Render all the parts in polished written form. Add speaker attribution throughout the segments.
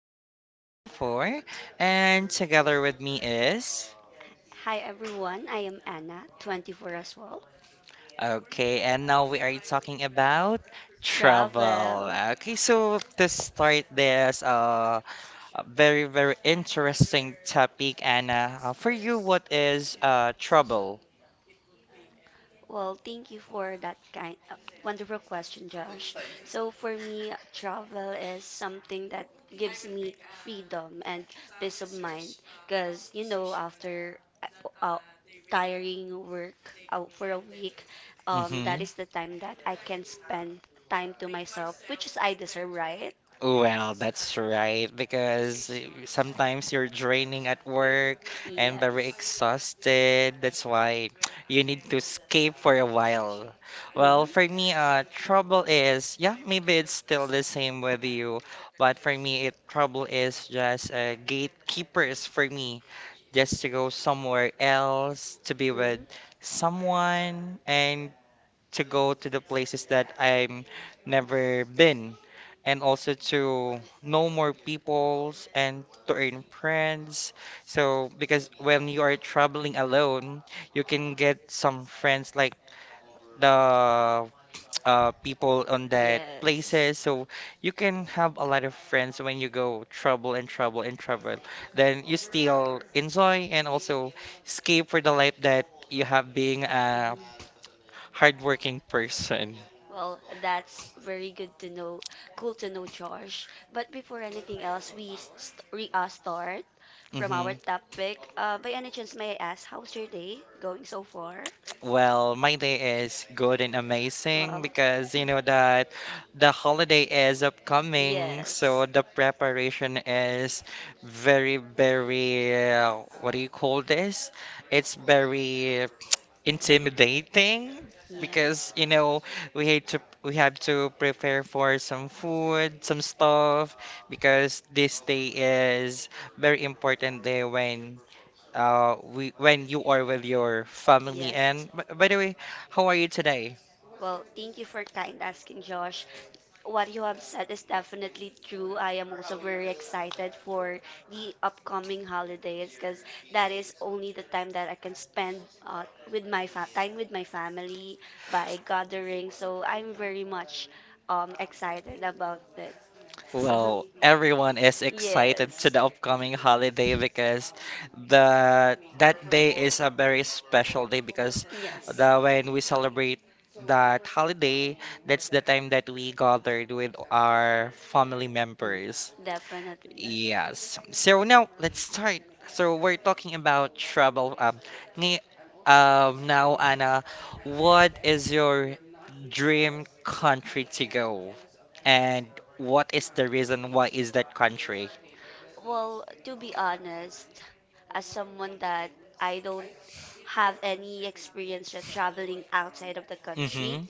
Speaker 1: I'm 24. And together with me is.
Speaker 2: Hi everyone, I am Anna, 24 as well.
Speaker 1: Okay, and now we are talking about travel.
Speaker 2: Travel.
Speaker 1: Okay, so to start this a very, very interesting topic, Anna. For you, what is trouble?
Speaker 2: Well, thank you for that kind wonderful question, Josh. So for me, travel is something that gives me freedom and peace of mind because after uh, uh, tiring work out for a week,
Speaker 1: Mm-hmm.
Speaker 2: that is the time that I can spend time to myself, which is I deserve, right?
Speaker 1: Well, that's right, because sometimes you're draining at work and very
Speaker 2: Yes.
Speaker 1: exhausted. That's why you need to escape for a while. Well,
Speaker 2: Mhm.
Speaker 1: for me, trouble is, yeah, maybe it's still the same with you, but for me, it trouble is just gatekeepers for me, just to go somewhere else to be with
Speaker 2: Mhm.
Speaker 1: someone, and to go to the places that I'm never been, and also to know more peoples and to earn friends. So because when you are traveling alone, you can get some friends like the people on that
Speaker 2: Yes. Is.
Speaker 1: places. So you can have a lot of friends when you go travel and travel and travel. Then you still enjoy and also escape for the life that you have being a
Speaker 2: Mhm.
Speaker 1: hardworking person.
Speaker 2: Well, that's very good to know. Cool to know, Josh. But before anything else, we start from
Speaker 1: Hmm.
Speaker 2: our topic. By any chance, may I ask, how's your day going so far?
Speaker 1: Well, my day is good and amazing
Speaker 2: Well,
Speaker 1: because you know that the
Speaker 2: domain,
Speaker 1: holiday is upcoming, so
Speaker 2: yes,
Speaker 1: the preparation is very, very, what do you call this? It's very intimidating
Speaker 2: yes.
Speaker 1: because you know we have to prepare for some food, some stuff, because this day is very important day when we when you are with your family.
Speaker 2: Yes.
Speaker 1: And by the way, how are you today?
Speaker 2: Well, thank you for kind asking, Josh. What you have said is definitely true. I am also very excited for the upcoming holidays because that is only the time that I can spend with time with my family by gathering. So I'm very much excited about that. So,
Speaker 1: Well, everyone is excited to
Speaker 2: yes.
Speaker 1: the upcoming holiday because the that day is a very special day, because the when we celebrate that holiday, that's the time that we gathered with our family
Speaker 2: Mm,
Speaker 1: members.
Speaker 2: definitely.
Speaker 1: Yes. So now let's start. So we're talking about travel. Ni, now Anna, what is your dream country to go, and what is the reason why is that country?
Speaker 2: Go? Well, to be honest, as someone that I don't have any experience with traveling outside of the country.
Speaker 1: Mm-hmm.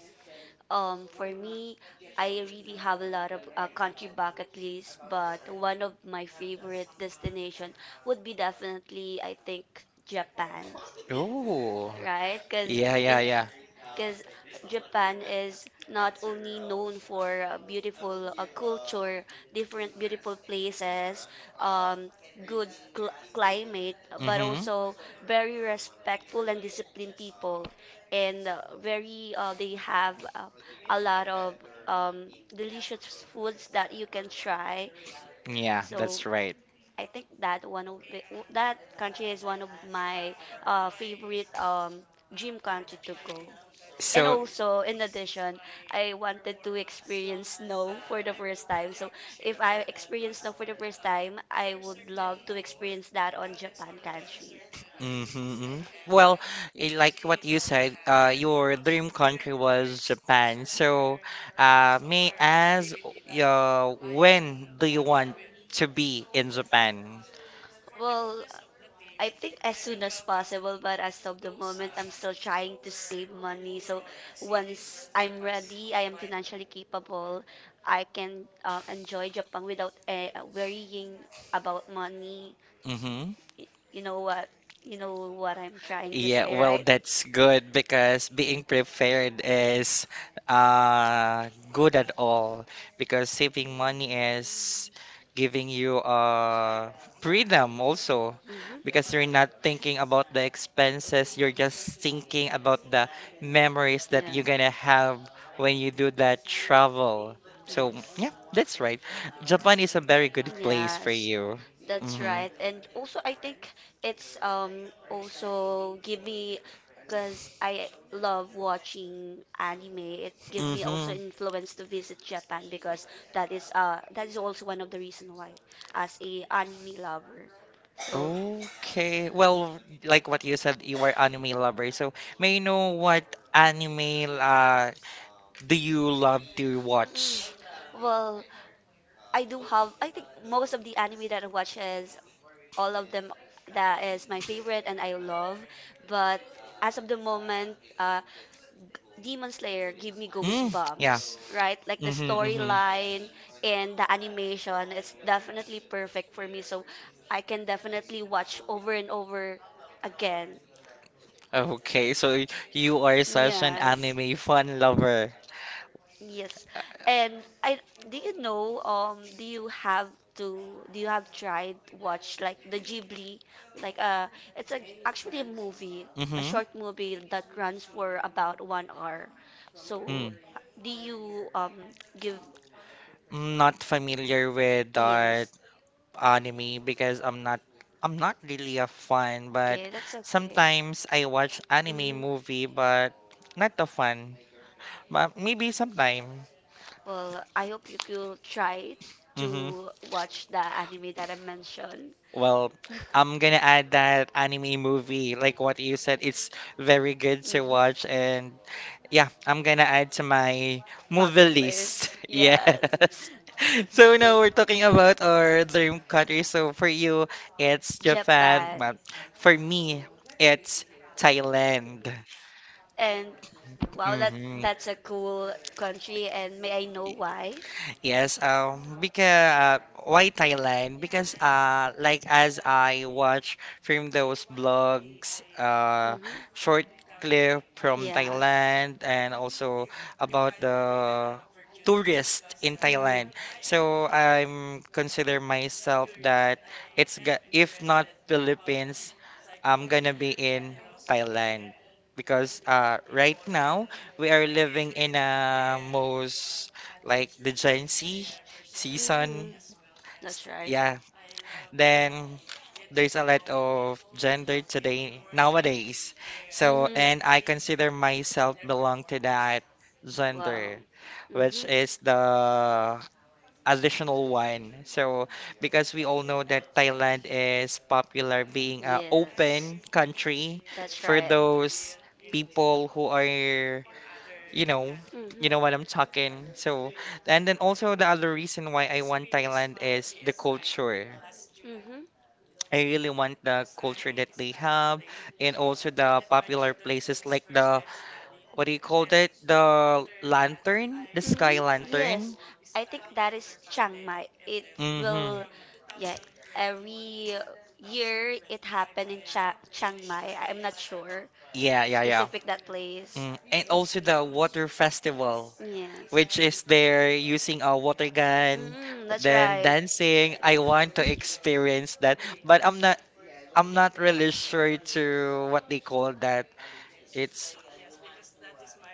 Speaker 2: For me, I really have a lot of country bucket lists, but one of my favorite destination would be definitely, I think, Japan,
Speaker 1: Oh.
Speaker 2: right? Because
Speaker 1: Yeah, yeah, yeah.
Speaker 2: because Japan is not only known for beautiful culture, different beautiful places, um, good climate, but
Speaker 1: Mm-hmm.
Speaker 2: also very respectful and disciplined people, and very they have a lot of um, delicious foods that you can try.
Speaker 1: Yeah,
Speaker 2: So
Speaker 1: that's right.
Speaker 2: I think that one of that country is one of my favorite dream country to go. And
Speaker 1: So.
Speaker 2: also, in addition, I wanted to experience snow for the first time. So, if I experience snow for the first time, I would love to experience that on Japan country.
Speaker 1: Mm-hmm. Well, like what you said, your dream country was Japan. So, may I ask, when do you want to be in Japan?
Speaker 2: Well, I think as soon as possible, but as of the moment, I'm still trying to save money. So once I'm ready, I am financially capable, I can enjoy Japan without worrying about money.
Speaker 1: Mm-hmm.
Speaker 2: Y- You know what? You know what I'm trying to
Speaker 1: Yeah,
Speaker 2: say,
Speaker 1: well,
Speaker 2: right?
Speaker 1: that's good because being prepared is good at all, because saving money is giving you freedom also,
Speaker 2: Hmm.
Speaker 1: because you're not thinking about the expenses, you're just thinking about the memories that you're gonna have when you do that travel. So, yeah,
Speaker 2: Yes.
Speaker 1: that's right. Japan is a very good place for
Speaker 2: Yes,
Speaker 1: you.
Speaker 2: that's
Speaker 1: Mm-hmm.
Speaker 2: right. And also, I think it's also give me because I love watching anime. It give me also
Speaker 1: Mm-hmm.
Speaker 2: influence to visit Japan because that is uh, also one of the reason why as a anime lover. So.
Speaker 1: Okay. Well, like what you said, you are anime lover. So may I know what anime do you love to
Speaker 2: Mm.
Speaker 1: watch?
Speaker 2: Well, I do have. I think most of the anime that I watch is all of them that is my favorite and I love. But as of the moment, Demon Slayer give me
Speaker 1: Mm, yeah.
Speaker 2: goosebumps, right? Like the
Speaker 1: Mm-hmm, mm-hmm.
Speaker 2: storyline and the animation is definitely perfect for me. So I can definitely watch over and over again.
Speaker 1: Okay, so you are such an
Speaker 2: Yes.
Speaker 1: anime fan lover.
Speaker 2: Yes, and I do you know do you have to do you have tried watch like the Ghibli like it's a, actually a movie, a
Speaker 1: Mm-hmm.
Speaker 2: short movie that runs for about 1 hour. So
Speaker 1: Mm.
Speaker 2: do you give
Speaker 1: I'm not familiar with
Speaker 2: yes,
Speaker 1: anime, because I'm not really a fan, but
Speaker 2: okay, that's okay.
Speaker 1: sometimes I watch anime
Speaker 2: Hmm.
Speaker 1: movie, but not the fun. But maybe sometime.
Speaker 2: Well, I hope you could try
Speaker 1: Mm-hmm.
Speaker 2: to watch the anime that I mentioned.
Speaker 1: Well, I'm gonna add that anime movie, like what you said, it's very good to watch, and yeah, I'm gonna add to my movie
Speaker 2: Bucket
Speaker 1: list.
Speaker 2: list.
Speaker 1: Yes.
Speaker 2: Yes.
Speaker 1: So now we're
Speaker 2: The.
Speaker 1: talking about our dream country. So for you, it's Japan, but for me, it's Thailand.
Speaker 2: And wow, that
Speaker 1: Hmm.
Speaker 2: that's a cool country. And may I know why?
Speaker 1: Yes, because why Thailand? Because like as I watch from those blogs,
Speaker 2: Mhm.
Speaker 1: short clip from
Speaker 2: Yes.
Speaker 1: Thailand, and also about the tourist in
Speaker 2: Mm.
Speaker 1: Thailand. So I'm consider myself that if not Philippines, I'm gonna be in Thailand, because right now we are living in a most like the Gen Z
Speaker 2: Mhm.
Speaker 1: season.
Speaker 2: That's right.
Speaker 1: Yeah. Then there's a lot of gender today nowadays. So
Speaker 2: Mhm.
Speaker 1: and I consider myself belong to that
Speaker 2: Wow.
Speaker 1: gender,
Speaker 2: Mhm.
Speaker 1: which is the additional one. So, because we all know that Thailand is popular being a
Speaker 2: Yes.
Speaker 1: open country
Speaker 2: That's
Speaker 1: for
Speaker 2: right.
Speaker 1: those people who are, you know,
Speaker 2: Mhm.
Speaker 1: you know what I'm talking. So, and then also the other reason why I want Thailand is the culture.
Speaker 2: Mhm.
Speaker 1: I really want the culture that they have, and also the popular places like the, what do you call that? The lantern, the sky
Speaker 2: Hmm.
Speaker 1: lantern.
Speaker 2: I think that is Chiang Mai. It.
Speaker 1: Mm-hmm.
Speaker 2: Mm, yeah, every year it happened in Cha Chiang Mai. I'm not sure. Yeah,
Speaker 1: Yeah, yeah, yeah.
Speaker 2: that place.
Speaker 1: Mm, and also the water festival,
Speaker 2: Yes.
Speaker 1: which
Speaker 2: We.
Speaker 1: is there using a water gun,
Speaker 2: Mm-mm.
Speaker 1: then dancing. I want to experience that, but I'm not really sure to what they call that. It's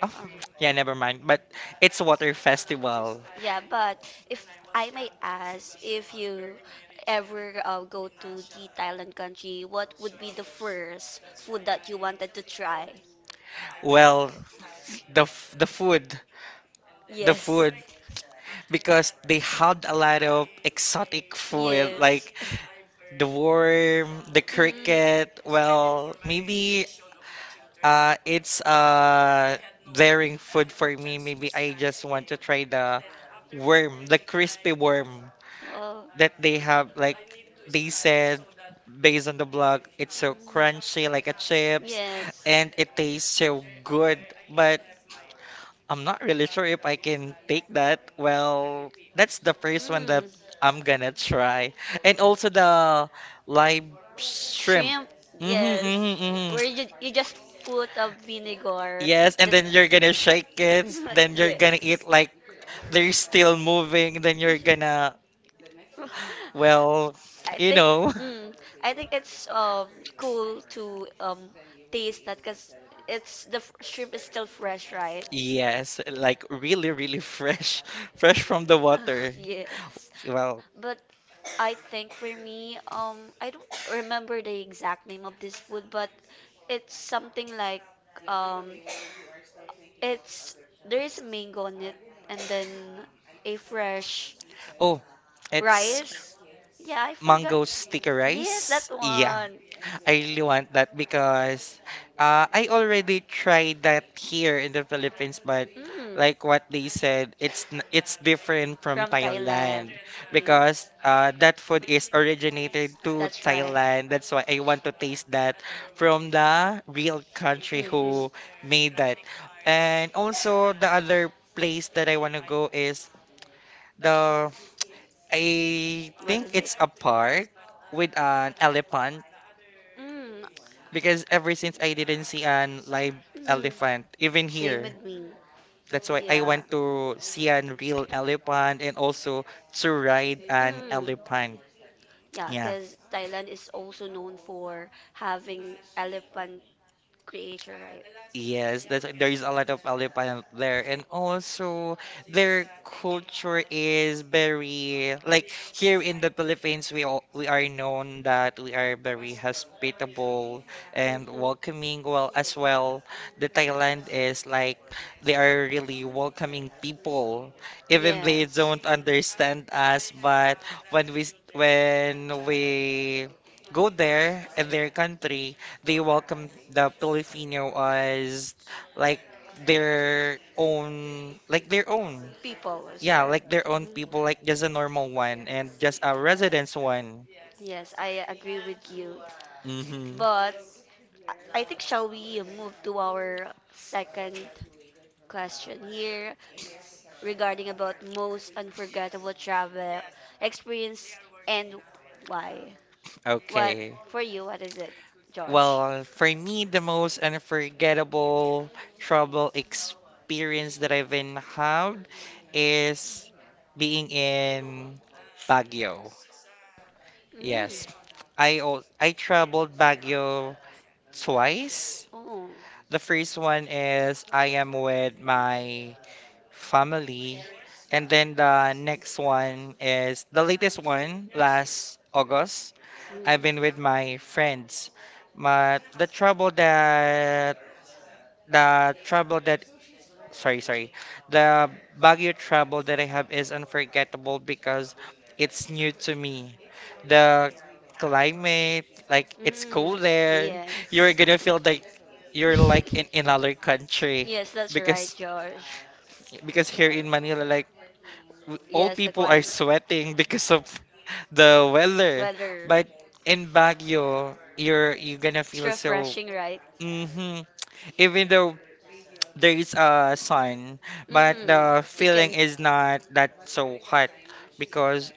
Speaker 1: oh,
Speaker 2: I.
Speaker 1: yeah, never mind. But it's a water festival.
Speaker 2: Yeah, but if I may ask, if you ever go to the Thailand country, what would be the first food that you wanted to try?
Speaker 1: Well, the f- the food, the
Speaker 2: Yes.
Speaker 1: food, because they had a lot of exotic food
Speaker 2: Yes.
Speaker 1: like the worm, the cricket.
Speaker 2: Mm.
Speaker 1: Well, maybe. It's daring food for me. Maybe I just want to try the worm, the crispy worm
Speaker 2: Oh.
Speaker 1: that they have. Like they said, based on the blog, it's so crunchy like a chips,
Speaker 2: Mm.
Speaker 1: and it tastes so good. But I'm not really sure if I can take that. Well,
Speaker 2: Yes.
Speaker 1: that's the first one that I'm gonna try, and also the live shrimp.
Speaker 2: Shrimp,
Speaker 1: Mm-hmm,
Speaker 2: yes.
Speaker 1: mm-hmm, mm-hmm.
Speaker 2: Where you just put a vinegar.
Speaker 1: Yes, and then you're gonna shake it, then you're
Speaker 2: Yeah.
Speaker 1: gonna eat like they're still moving, then you're gonna, well,
Speaker 2: I
Speaker 1: you
Speaker 2: think
Speaker 1: know.
Speaker 2: mm, I think it's cool to taste that because shrimp is still fresh, right?
Speaker 1: Yes, like really, really fresh, fresh from the
Speaker 2: Ah,
Speaker 1: water.
Speaker 2: yes.
Speaker 1: Well,
Speaker 2: But I think for me, I don't remember the exact name of this food, but it's something like um, it's there is mango on it, and then a fresh
Speaker 1: oh, it's
Speaker 2: rice. Yeah, I forgot.
Speaker 1: mango sticky rice.
Speaker 2: Yes, that
Speaker 1: Yeah,
Speaker 2: one.
Speaker 1: I really want that because I already tried that here in the Philippines, but
Speaker 2: Mm.
Speaker 1: like what they said, it's different from
Speaker 2: From Thailand.
Speaker 1: Thailand, because
Speaker 2: Yes.
Speaker 1: that food is originated to
Speaker 2: That's right.
Speaker 1: Thailand. That's why I want to taste that from the real country
Speaker 2: Mm,
Speaker 1: who
Speaker 2: mm.
Speaker 1: made that. And also the other place that I want to go is the, I
Speaker 2: What
Speaker 1: think
Speaker 2: is it?
Speaker 1: it's a park with an elephant,
Speaker 2: Mm, mm.
Speaker 1: because ever since I didn't see an live elephant, even
Speaker 2: Same
Speaker 1: here,
Speaker 2: with me.
Speaker 1: that's why I
Speaker 2: Yeah.
Speaker 1: want to see an real elephant, and also to ride an
Speaker 2: Mm.
Speaker 1: elephant.
Speaker 2: Yeah,
Speaker 1: Yeah.
Speaker 2: because Thailand is also known for having elephant creature, right?
Speaker 1: Yes, that there is a lot of Aleppo there, and also their culture is very like here in the Philippines. We all, we are known that we are very hospitable and welcoming. Well, as
Speaker 2: Mm-hmm.
Speaker 1: well, the Thailand is like they are really welcoming people, even they
Speaker 2: Yes.
Speaker 1: don't understand us. But when we go there in their country, they welcome the Filipino as like their own, like their own.
Speaker 2: People, is. Yeah,
Speaker 1: Yeah,
Speaker 2: right? With
Speaker 1: like
Speaker 2: your
Speaker 1: their
Speaker 2: own.
Speaker 1: own
Speaker 2: Mhm. People,
Speaker 1: people,
Speaker 2: like,
Speaker 1: like just a normal
Speaker 2: why,
Speaker 1: one and
Speaker 2: just
Speaker 1: just a residence one.
Speaker 2: yes, I agree with you.
Speaker 1: Mm-hmm.
Speaker 2: But I think shall we move to our second question here regarding about most unforgettable travel experience and why? What
Speaker 1: Okay.
Speaker 2: for you? What is it, Josh?
Speaker 1: Well, for
Speaker 2: Well,
Speaker 1: me, the most unforgettable
Speaker 2: for travel
Speaker 1: travel
Speaker 2: experience
Speaker 1: experience
Speaker 2: that
Speaker 1: that
Speaker 2: I've
Speaker 1: I've
Speaker 2: been
Speaker 1: been had
Speaker 2: have.
Speaker 1: is being in Baguio.
Speaker 2: Mm. Is.
Speaker 1: Yes. I traveled Baguio twice.
Speaker 2: Oh.
Speaker 1: The first one is I am with my family. And then the next one is the latest one, last August.
Speaker 2: Mm. I've
Speaker 1: I've
Speaker 2: been
Speaker 1: been with my
Speaker 2: in France.
Speaker 1: friends. But the trouble that sorry, sorry. The Baguio travel that I have is unforgettable because it's new to me. The
Speaker 2: The.
Speaker 1: climate, like
Speaker 2: Mm,
Speaker 1: it's cool there. You're
Speaker 2: yes.
Speaker 1: gonna feel like you're like in another country,
Speaker 2: Yes, that's right,
Speaker 1: because
Speaker 2: George.
Speaker 1: here in Manila, like all
Speaker 2: Yes, the
Speaker 1: people are
Speaker 2: climate,
Speaker 1: sweating because of the weather.
Speaker 2: weather.
Speaker 1: But in Baguio, you're gonna
Speaker 2: It's
Speaker 1: feel so.
Speaker 2: refreshing, right?
Speaker 1: Hmm. Even though there is a sun, but
Speaker 2: Mm-hmm.
Speaker 1: the
Speaker 2: You
Speaker 1: feeling
Speaker 2: can
Speaker 1: is not that so hot, because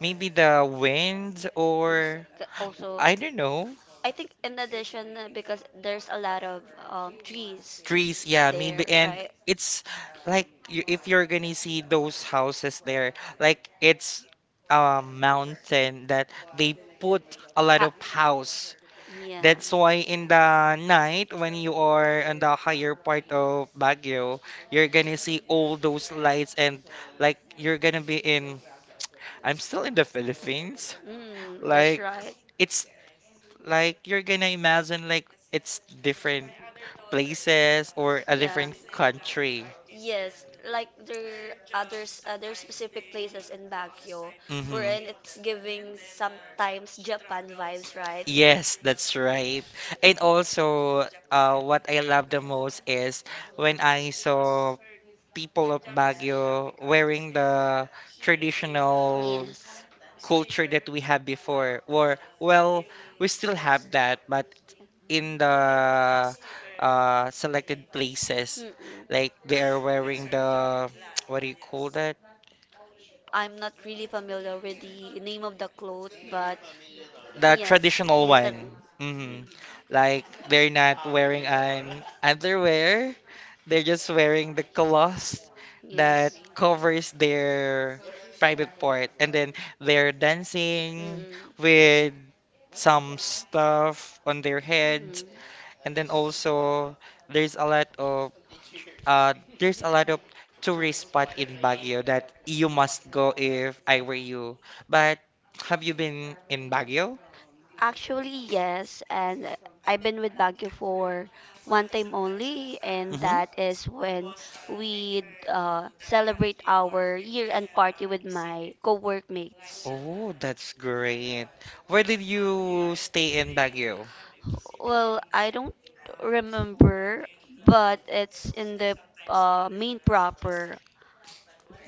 Speaker 1: maybe the wind, or
Speaker 2: also, I
Speaker 1: I don't know.
Speaker 2: think in addition, because there's a lot of trees
Speaker 1: Trees, yeah, maybe.
Speaker 2: there,
Speaker 1: And
Speaker 2: right?
Speaker 1: it's like, you, if you're gonna see those houses there, like it's a mountain that they put a lot
Speaker 2: Ah.
Speaker 1: of house,
Speaker 2: And
Speaker 1: that's why in the night when you are on the higher part of Baguio, you're gonna see all those lights, and like you're gonna be in, I'm still in the Philippines,
Speaker 2: mm,
Speaker 1: like
Speaker 2: right. It's.
Speaker 1: it's like you're gonna imagine like it's different places or a different country.
Speaker 2: Yes, like there others other specific places in Baguio
Speaker 1: Hmm.
Speaker 2: wherein it's giving sometimes Japan vibes, right?
Speaker 1: Yes, that's right. And also, what I love the most is when I saw people of Baguio wearing the traditional
Speaker 2: Yes.
Speaker 1: culture that we had before, or well, we still have that, but in the selected places,
Speaker 2: Mm-mm.
Speaker 1: like they are wearing the what do you call that?
Speaker 2: I'm not really familiar with the name of the cloth, but
Speaker 1: The
Speaker 2: yes,
Speaker 1: traditional
Speaker 2: yes, that,
Speaker 1: one. Hmm. Like they're not wearing an underwear. They're just wearing the cloth that
Speaker 2: yes. Mm-mm.
Speaker 1: covers their private part. And then they're dancing
Speaker 2: That's,
Speaker 1: with some stuff on their heads.
Speaker 2: mm.
Speaker 1: And then also there's a lot of there's a lot of tourist spot in Baguio that you must go if I were you. But have you been in Baguio?
Speaker 2: Actually, yes, and I've been with Baguio for one time only, and
Speaker 1: Mm-hmm.
Speaker 2: that is when we celebrate our year-end party with my co-workmates.
Speaker 1: Oh, that's great. Where did you stay in Baguio?
Speaker 2: Well, I don't remember, but it's in the main proper,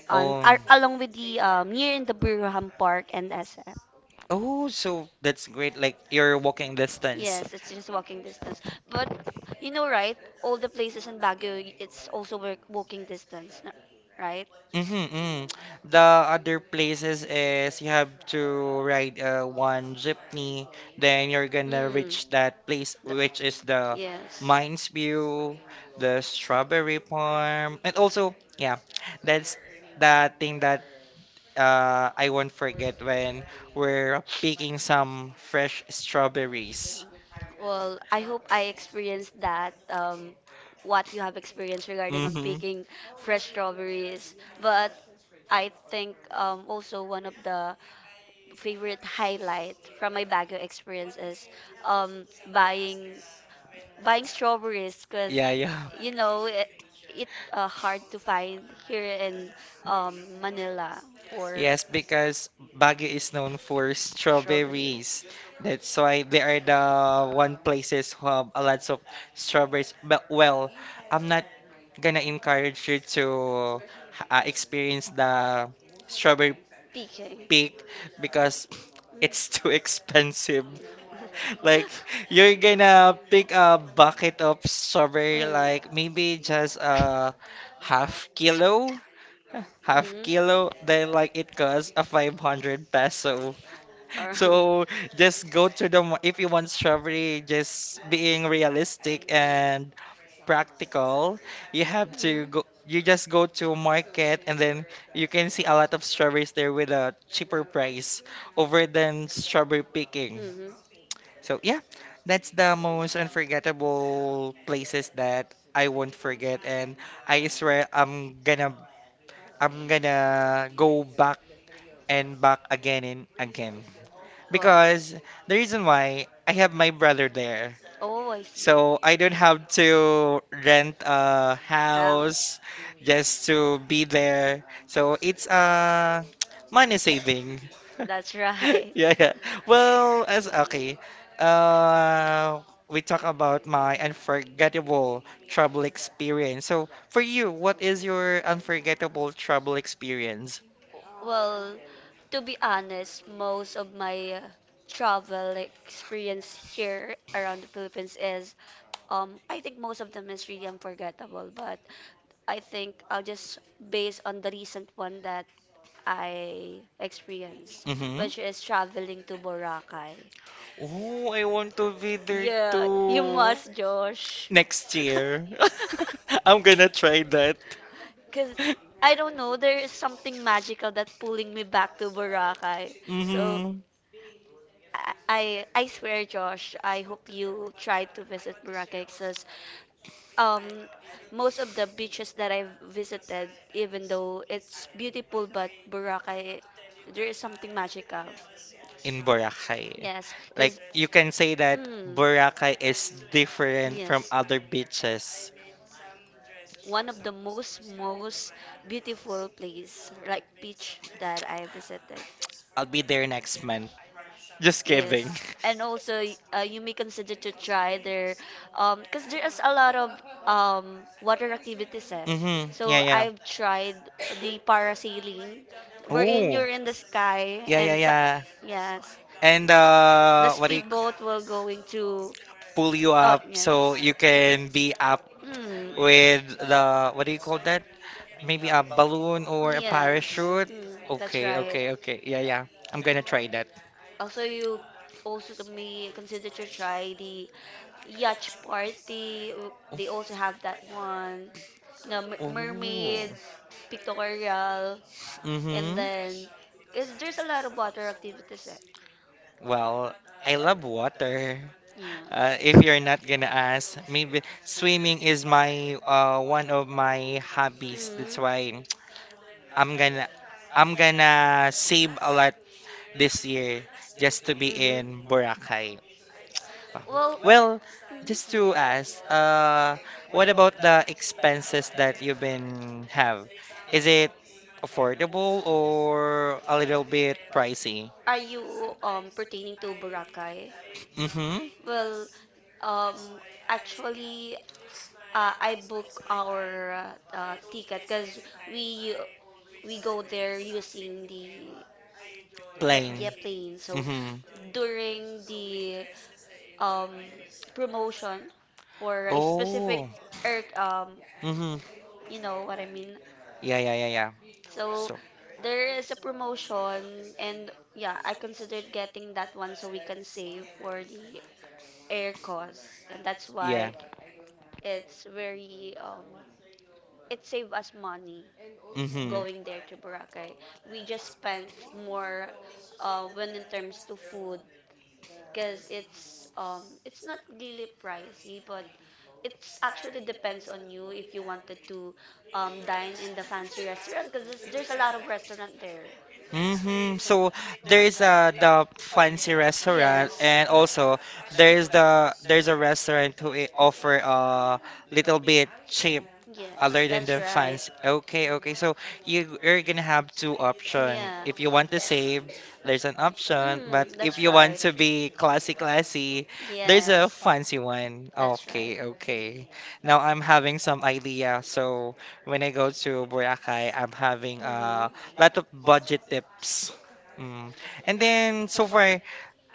Speaker 2: on
Speaker 1: Um,
Speaker 2: along with the near in the Birham Park and SF.
Speaker 1: oh, so that's great. Like your walking distance.
Speaker 2: Yes, it's just walking distance. But you know, right? All the places in Baguio, it's also work walking distance, right?
Speaker 1: Mm-hmm, mm-hmm. The other places is you have to ride one jeepney, then you're gonna
Speaker 2: Mm.
Speaker 1: reach that place, which
Speaker 2: Th-.
Speaker 1: is the
Speaker 2: Yes.
Speaker 1: Mines View, the Strawberry Farm, and also, yeah, that's the thing that I won't forget when we're picking some fresh strawberries.
Speaker 2: Well, I hope I experienced that, what you have experienced regarding on
Speaker 1: Mm-hmm.
Speaker 2: picking fresh strawberries. But I think also one of the favorite highlight from my Baguio experience is um, buying buying strawberries because yeah
Speaker 1: Yeah, yeah.
Speaker 2: you know it, it hard to find here in Manila for
Speaker 1: Yes, because Baguio is known for strawberries. That's why they are the one places who have a lots of strawberries. But well, I'm not gonna encourage you to experience the strawberry
Speaker 2: Peking.
Speaker 1: pick, because it's too expensive. Like you're gonna pick a bucket of strawberry, like maybe just a half kilo half kilo then like it costs a 500 peso.
Speaker 2: Or,
Speaker 1: So just go to the if you want strawberry, just being realistic and practical, you have to go
Speaker 2: go
Speaker 1: you just go to market, and then you can see a lot of strawberries there with a cheaper price over than strawberry picking.
Speaker 2: hmm.
Speaker 1: So yeah, that's the most unforgettable places that I won't forget, and I swear I'm gonna go back and back again and again. Because the reason why, I have my brother there.
Speaker 2: Oh, I so.
Speaker 1: So I don't have to rent a house just to be there. So it's money saving.
Speaker 2: That's right.
Speaker 1: Yeah, yeah. Well, as okay. Uh, we talk about my unforgettable travel experience. So, for you, what is your unforgettable travel experience?
Speaker 2: Well, to be honest, most of my travel experience here around the Philippines is, I think most of them is really unforgettable. But I think I'll just base on the recent one that I experienced,
Speaker 1: Mm-hmm.
Speaker 2: which is traveling to Boracay.
Speaker 1: Oh, I want to be there
Speaker 2: Yeah, you
Speaker 1: too.
Speaker 2: must, Josh.
Speaker 1: Next year. I'm gonna try that.
Speaker 2: Because I don't know, there is something magical that pulling me back to Boracay. So
Speaker 1: Mm-hmm.
Speaker 2: I swear, Josh, I hope you try to visit Boracay, 'cause um, most of the beaches that I've visited, even though it's beautiful, but Boracay, there is something magical.
Speaker 1: In Boracay.
Speaker 2: Yes,
Speaker 1: Like,
Speaker 2: because
Speaker 1: you can say that
Speaker 2: mm,
Speaker 1: Boracay is different from
Speaker 2: yes,
Speaker 1: other beaches.
Speaker 2: one of the most beautiful place like beach that I visited.
Speaker 1: I'll be there next month. Just kidding.
Speaker 2: Yes, and also you may consider to try their, because there is a lot of water activities, eh.
Speaker 1: Mm-hmm. Yeah,
Speaker 2: So
Speaker 1: yeah.
Speaker 2: I've tried the parasailing, wherein
Speaker 1: Oh,
Speaker 2: you're in the sky
Speaker 1: yeah, yeah,
Speaker 2: and so,
Speaker 1: yeah.
Speaker 2: yes,
Speaker 1: And
Speaker 2: the
Speaker 1: what do you c-
Speaker 2: speedboat will going to
Speaker 1: pull you
Speaker 2: oh
Speaker 1: up
Speaker 2: yeah,
Speaker 1: so you can be up
Speaker 2: mm,
Speaker 1: with the what do you call that? Maybe a balloon or a
Speaker 2: yes,
Speaker 1: parachute.
Speaker 2: mm, that's
Speaker 1: Okay,
Speaker 2: right.
Speaker 1: okay, okay. Yeah, yeah. I'm gonna try that.
Speaker 2: Also, you also to may consider to try the yacht party. They also have that one. No,
Speaker 1: Oh.
Speaker 2: mermaid, pictorial, and
Speaker 1: Mm-hmm.
Speaker 2: then cause there's a lot of water activities. Eh.
Speaker 1: Well, I love water.
Speaker 2: Yeah.
Speaker 1: If you're not gonna ask, maybe swimming is my one of my hobbies. That's
Speaker 2: Mm.
Speaker 1: why. I'm gonna save a lot this year just to be
Speaker 2: Mm.
Speaker 1: in Boracay.
Speaker 2: Well,
Speaker 1: Well, just to
Speaker 2: mhm.
Speaker 1: ask, what about the expenses that you've been have? Is it affordable or a little bit pricey?
Speaker 2: Are you pertaining to Boracay?
Speaker 1: Mm-hmm.
Speaker 2: Well, um actually I book our ticket because we we go there using the air,
Speaker 1: Plain.
Speaker 2: yeah, plane. So
Speaker 1: Mm-hmm.
Speaker 2: mhm, during the um promotion for a specific
Speaker 1: Oh.
Speaker 2: air um,
Speaker 1: Mm-hmm.
Speaker 2: you know what I mean.
Speaker 1: Yeah, yeah, yeah, yeah.
Speaker 2: So
Speaker 1: So,
Speaker 2: there is a promotion and yeah, I considered getting that one so we can save for the air costs and that's
Speaker 1: yeah.
Speaker 2: why it's very it saved us money
Speaker 1: Mm-hmm.
Speaker 2: going there to Boracay. We just spent more when in terms to food because it's not really pricey but it's actually depends on you if you wanted to dine in the fancy restaurant because there's a lot of restaurant there.
Speaker 1: Mm-hmm. So there's the fancy restaurant, and also there's a restaurant who offer little bit cheap other than the fans. Okay, okay. So you're gonna have two option. If you want to save, there's an option. But if you want to be classy, classy, there's a
Speaker 2: Yes,
Speaker 1: fancy one.
Speaker 2: that's right.
Speaker 1: Okay, okay. Now I'm having some idea. So when I go to Boracay, I'm having a lot
Speaker 2: Mm-hmm.
Speaker 1: of budget tips. Mm. And then so far,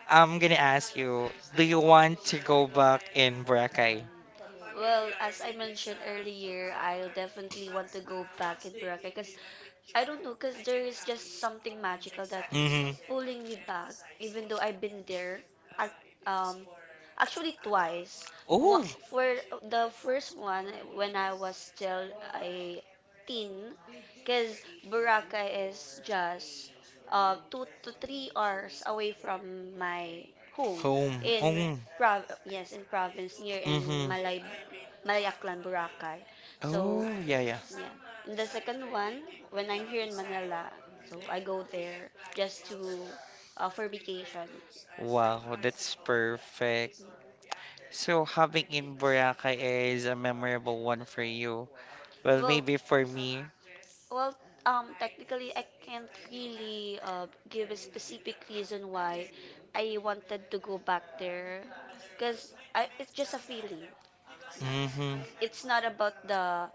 Speaker 1: I'm gonna ask you, do you want to go back in Boracay?
Speaker 2: Well, as I mentioned earlier, I'll definitely want to go back in Boracay because I don't know, because there is just something magical that
Speaker 1: Mm-hmm.
Speaker 2: pulling me back, even though I've been there at, um, actually twice.
Speaker 1: Oh,
Speaker 2: For the first one, when I was still a teen, because Boracay is just 2 to 3 hours away from my home
Speaker 1: Home.
Speaker 2: in prov yes in province near in
Speaker 1: Mm-hmm.
Speaker 2: Malayaklan, Boracay. So
Speaker 1: Oh, yeah, yeah.
Speaker 2: yeah, and the second one when I'm here in Manila, so I go there just to for vacation.
Speaker 1: Wow, that's perfect. So having in Boracay is a memorable one for you. Well,
Speaker 2: Well,
Speaker 1: maybe for me.
Speaker 2: well, technically, I can't really give a specific reason why I wanted to go back there, because it's just a feeling. Yeah,
Speaker 1: Mm-hmm.
Speaker 2: it's not about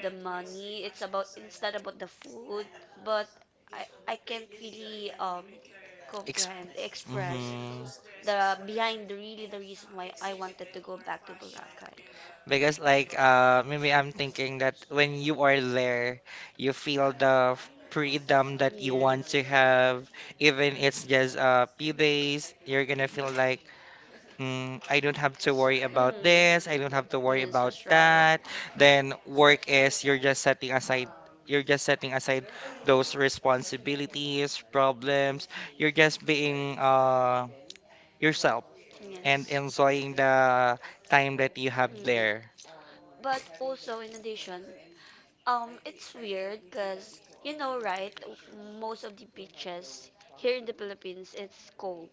Speaker 2: the money. It's about it's not about the food, but I can't really
Speaker 1: Ex-
Speaker 2: comprehend express
Speaker 1: mm-hmm.
Speaker 2: the behind the really the reason why I wanted to go back to Boracay.
Speaker 1: Because like maybe I'm thinking that when you are there, you feel the freedom that you want
Speaker 2: Yes.
Speaker 1: to have. Even it's just a few days, you're gonna feel like I don't have to worry about
Speaker 2: Mm.
Speaker 1: this, I don't have to worry
Speaker 2: Yes,
Speaker 1: about
Speaker 2: that's right.
Speaker 1: that. Then work is, you're just setting aside those responsibilities, problems. You're just being yourself and
Speaker 2: Yes.
Speaker 1: enjoying the time that you have
Speaker 2: Mm.
Speaker 1: there.
Speaker 2: But also in addition, it's weird because you know, right? Most of the beaches here in the Philippines, it's cold.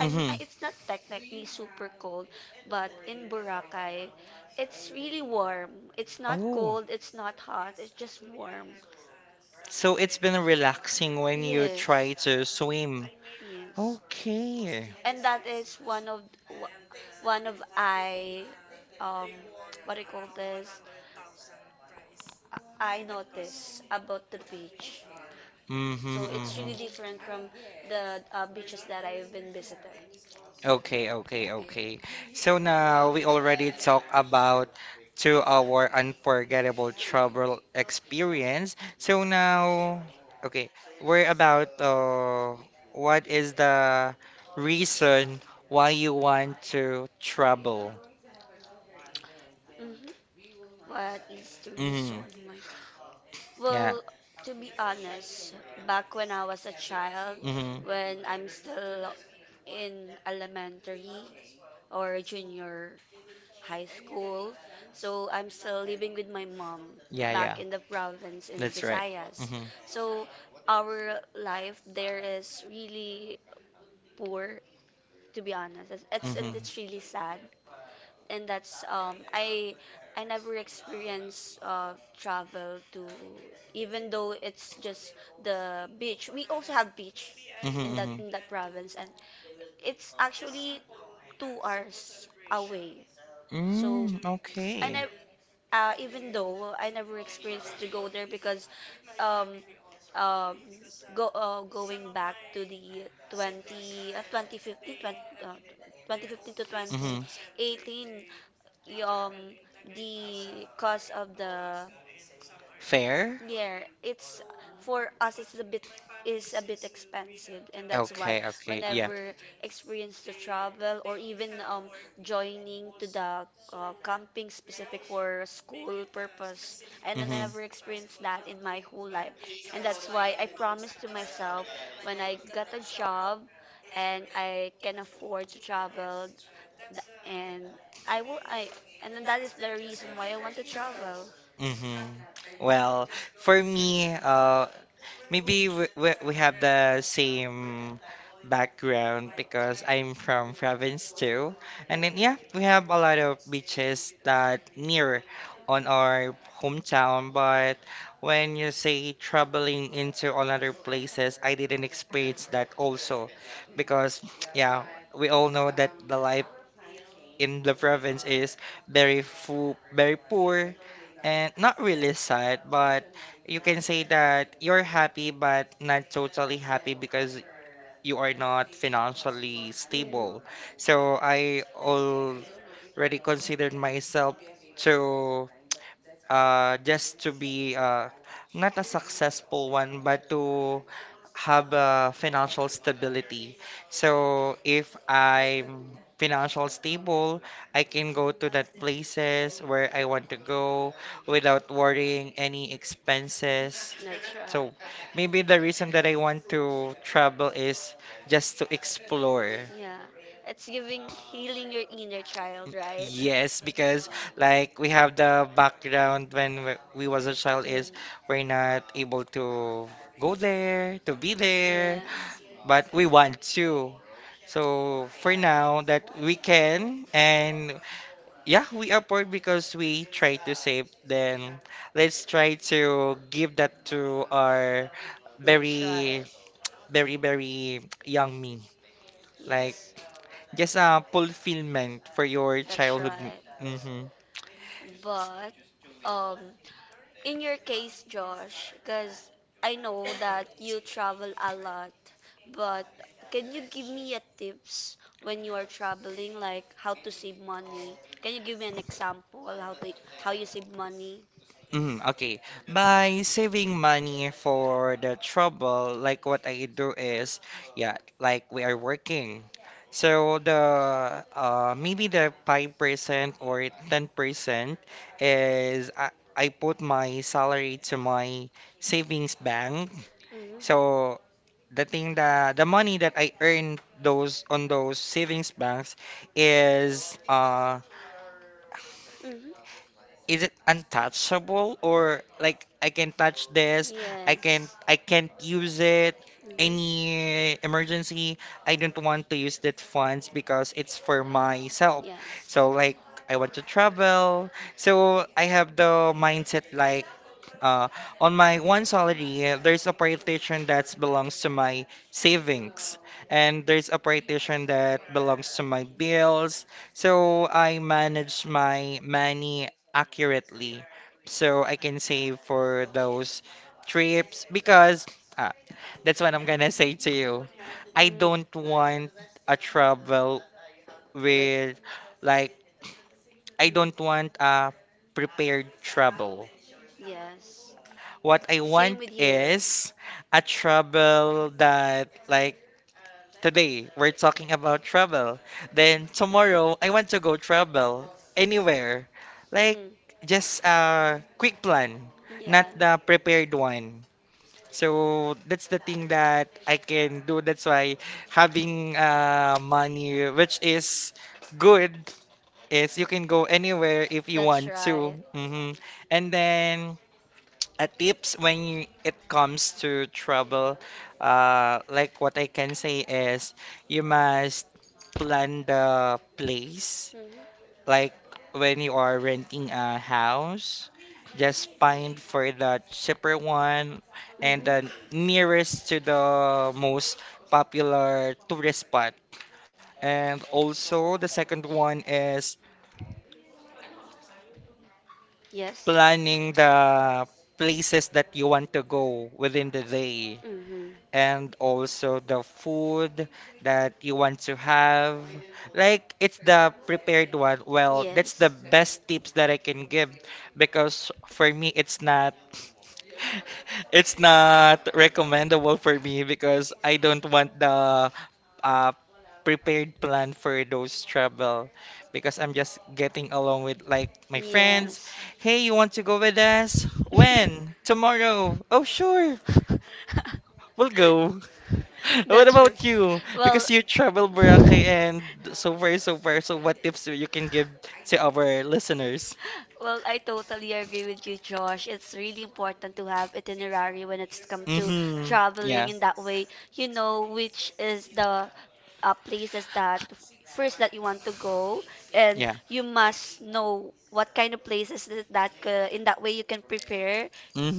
Speaker 2: I mean, it's not technically super cold, but in Boracay, it's really warm. It's not
Speaker 1: Oh,
Speaker 2: cold. It's not hot. It's just warm.
Speaker 1: so it's been relaxing when you try
Speaker 2: Yes.
Speaker 1: to
Speaker 2: Sing.
Speaker 1: swim.
Speaker 2: Yes.
Speaker 1: Okay.
Speaker 2: And that is one of wha- one of I um what I call this? I notice about the beach.
Speaker 1: Mm-hmm,
Speaker 2: So it's
Speaker 1: mm-hmm.
Speaker 2: really different from the beaches that I've been visited.
Speaker 1: Okay, okay, okay. So now we already talked about to our unforgettable travel experience. So now, okay, we're about what is the reason why you want to travel?
Speaker 2: hmm What is the reason
Speaker 1: Mm-hmm.
Speaker 2: why?
Speaker 1: Yeah.
Speaker 2: Well, to be honest, back when I was a child,
Speaker 1: Mm-hmm.
Speaker 2: when I'm still in elementary or junior high school. So I'm still living with my mom
Speaker 1: Yeah,
Speaker 2: back
Speaker 1: yeah.
Speaker 2: in the province in
Speaker 1: That's right.
Speaker 2: Visayas.
Speaker 1: Mm-hmm.
Speaker 2: So our life there is really poor, to be honest. It's and
Speaker 1: Mm-hmm.
Speaker 2: it's really sad. And that's I never experienced travel to, even though it's just the beach. We also have beach
Speaker 1: Mm-hmm.
Speaker 2: in that
Speaker 1: Mm-hmm.
Speaker 2: in that province, and it's actually 2 hours away. So
Speaker 1: Mm,
Speaker 2: I
Speaker 1: okay.
Speaker 2: never even though I never experienced to go there because um, um, go going back to the 20 uh, 2015 uh, 2015 to
Speaker 1: Mm-hmm.
Speaker 2: 2018. y- um the cost of the,
Speaker 1: Fair?
Speaker 2: yeah, it's for us. It's a bit expensive, and that's why
Speaker 1: Okay, okay, yeah.
Speaker 2: whenever experience to travel, or even joining to the camping specific for school purpose, and I
Speaker 1: Mm-hmm.
Speaker 2: never experienced that in my whole life. And that's why I promised to myself, when I got a job and I can afford to travel, th- and I will I and that is the reason why I want to travel.
Speaker 1: Mm-hmm. Well, for me, maybe we have the same background because I'm from province too. And then yeah, we have a lot of beaches that near on our hometown, but when you say traveling into all other places, I didn't experience that also because yeah, we all know that the life in the province is very poor and not really sad, but you can say that you're happy but not totally happy because you are not financially
Speaker 2: Mhm.
Speaker 1: stable. So I already considered myself to just to be not a successful one, but to have financial stability. So if I'm financial stable, I can go to that places where I want to go without worrying any expenses.
Speaker 2: That's...
Speaker 1: So maybe the reason that I want to travel is just to explore.
Speaker 2: Yeah. It's giving healing your inner child, right? Yes.
Speaker 1: Yes, because like we have the background when we was a child is we're not able to go there, to be there, but we want to. So for now that we can, and yeah, we upward because we try to save, then let's try to give that to our very, very, very young me. Like just a fulfillment for your childhood. Mm-hmm.
Speaker 2: But um in your case, Josh, because I know that you travel a lot, but can you give me a tips when you are traveling, like how to save money? Can you give me an example how to how you save money?
Speaker 1: Mm, okay. By saving money for the trouble, like what I do is, yeah, like we are working. So the maybe the 5% or 10% is I put my salary to my savings bank.
Speaker 2: Mm-hmm.
Speaker 1: So the thing that the money that I earn those on those savings banks is uh is it untouchable, or like I can touch this, I can't use it. Any emergency, I don't want to use that funds because it's for myself.
Speaker 2: Yes.
Speaker 1: So like I want to travel. So I have the mindset like uh, on my one salary, there's a partition that belongs to my savings, and there's a partition that belongs to my bills. So I manage my money accurately, so I can save for those trips because uh, that's what I'm gonna say to you. I don't want a travel with, like, I don't want a prepared travel.
Speaker 2: Yes.
Speaker 1: What I want is a trouble that, like, today we're talking about trouble. Then tomorrow I want to go trouble anywhere. Like,
Speaker 2: Mm.
Speaker 1: just a quick plan, not the
Speaker 2: Not.
Speaker 1: prepared one. So that's the thing that I can do. That's why having money, which is good, is you can go anywhere if you want to. Hmm. And then, a tips when it comes to travel, like what I can say is you must plan the place.
Speaker 2: Hmm.
Speaker 1: Like when you are renting a house, just find for the cheaper one and
Speaker 2: Mhm.
Speaker 1: the nearest to the most popular tourist spot. And also, the second one is
Speaker 2: Yes.
Speaker 1: planning the places that you want to go within the day,
Speaker 2: Mhm.
Speaker 1: and also the food that you want to have. Like it's the prepared one. Well, that's
Speaker 2: Yes.
Speaker 1: the best tips that I can give, because for me it's not it's not recommendable for me because I don't want the uh, prepared plan for those travel, because I'm just getting along with like my friends. Hey, you want to go with us? When? Tomorrow. Oh, sure.
Speaker 2: Sure.
Speaker 1: We'll go. What about you? Because you travel Boracay and so far. So what tips you can give to our listeners?
Speaker 2: Well, I totally agree with you, Josh. It's really important to have itinerary when it's come to
Speaker 1: Mm-hmm.
Speaker 2: traveling
Speaker 1: Yeah.
Speaker 2: in that way. You know which is the places that first that you want to go, and
Speaker 1: Yeah.
Speaker 2: you must know what kind of places that, that in that way you can prepare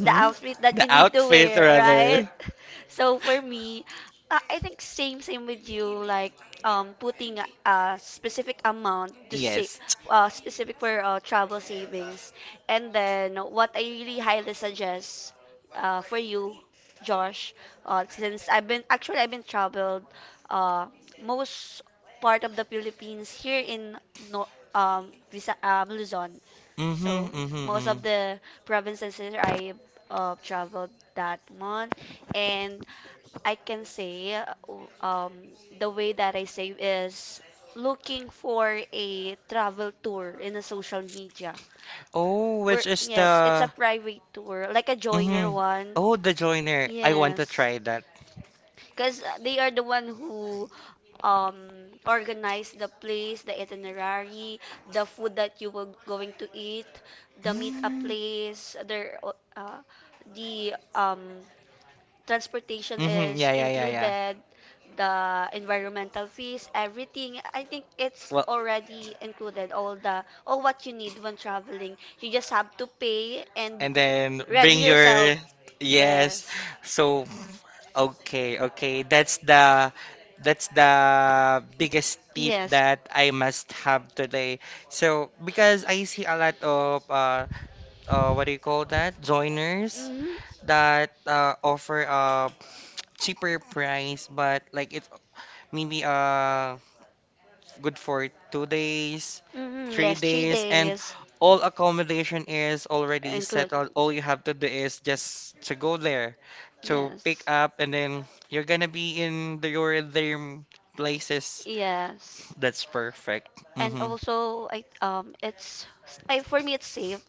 Speaker 2: the outfit that
Speaker 1: The
Speaker 2: you need to
Speaker 1: outfit
Speaker 2: wear, right?
Speaker 1: rather.
Speaker 2: So for me, I think same with you. Like putting a specific amount to save,
Speaker 1: Yes.
Speaker 2: specific for travel savings. And then what I really highly suggest, for you, Josh, since I've been traveled uh, most part of the Philippines here in, no, Luzon.
Speaker 1: Mm-hmm.
Speaker 2: So
Speaker 1: Mm-hmm.
Speaker 2: most
Speaker 1: Mm-hmm.
Speaker 2: of the provinces here I traveled that month, and I can say um, the way that I save is looking for a travel tour in a social media.
Speaker 1: Oh,
Speaker 2: Where,
Speaker 1: which is
Speaker 2: yes, it's a
Speaker 1: the
Speaker 2: private tour, like a joiner
Speaker 1: mm-hmm.
Speaker 2: one.
Speaker 1: Oh, the joiner. I want to
Speaker 2: Yes.
Speaker 1: try that.
Speaker 2: Because they are the one who um, organize the place, the itinerary, the food that you were going to eat, the meet-up
Speaker 1: Mm-hmm.
Speaker 2: place, their, uh, the transportation is
Speaker 1: Yeah, yeah, yeah, yeah.
Speaker 2: included, the environmental fees, everything. I think it's
Speaker 1: Well,
Speaker 2: already included, all what you need when traveling. You just have to pay and be
Speaker 1: and then
Speaker 2: ready
Speaker 1: bring
Speaker 2: yourself.
Speaker 1: your yes.
Speaker 2: Yes.
Speaker 1: So okay, okay. That's the that's the biggest tip
Speaker 2: Yes.
Speaker 1: that I must have today. So because I see a lot of uh, what do you call that? Joiners
Speaker 2: Mm-hmm.
Speaker 1: that offer a cheaper price, but like it's maybe good for 2 days,
Speaker 2: Mm-hmm.
Speaker 1: three
Speaker 2: Yes, three
Speaker 1: days, and
Speaker 2: days
Speaker 1: all accommodation is already
Speaker 2: Include.
Speaker 1: settled. All you have to do is just to go there, to
Speaker 2: Yes.
Speaker 1: pick up, and then you're gonna be in the, your dream places.
Speaker 2: Yes.
Speaker 1: That's perfect.
Speaker 2: And
Speaker 1: Mm-hmm.
Speaker 2: also, I it's s- I, for me it's safe,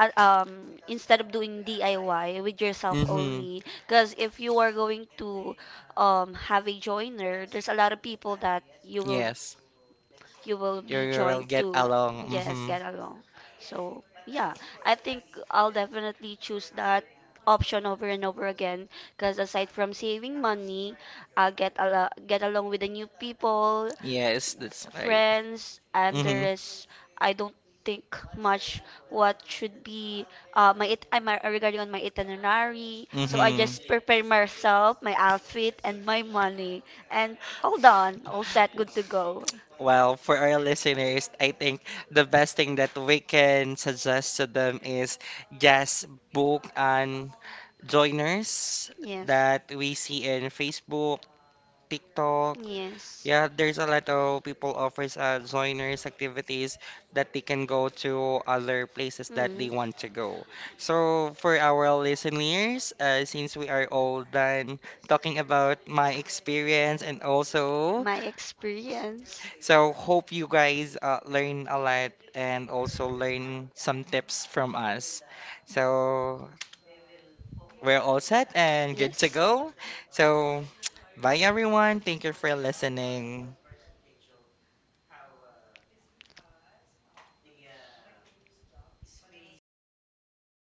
Speaker 2: instead of doing DIY with yourself
Speaker 1: Mm-hmm.
Speaker 2: only, because if you are going to have a joiner, there's a lot of people that you will
Speaker 1: Yes.
Speaker 2: you will
Speaker 1: You
Speaker 2: be
Speaker 1: will
Speaker 2: joined
Speaker 1: get
Speaker 2: to.
Speaker 1: along.
Speaker 2: Yes,
Speaker 1: Mm-hmm.
Speaker 2: get along. So yeah, I think I'll definitely choose that option over and over again, because aside from saving money, I get along with the new people,
Speaker 1: Yes, that's right.
Speaker 2: friends. And there
Speaker 1: Mm-hmm.
Speaker 2: is I don't think much what should be my it I'm regarding on my itinerary, so I
Speaker 1: Mm-hmm.
Speaker 2: just prepare myself, my outfit and my money, and all done, all set, good to go.
Speaker 1: Well, for our listeners, I think the best thing that we can suggest to them is just book and joiners
Speaker 2: Yes.
Speaker 1: that we see in Facebook, TikTok.
Speaker 2: Yes.
Speaker 1: Yeah, there's a lot of people offers joiners activities that they can go to other places that they
Speaker 2: Mm.
Speaker 1: want to go. So for our listeners, since we are all done talking about my experience and also
Speaker 2: My experience.
Speaker 1: so hope you guys learn a lot and also learn some tips from us. So we're all set and good to
Speaker 2: Yes.
Speaker 1: go. So bye everyone. Thank you for listening.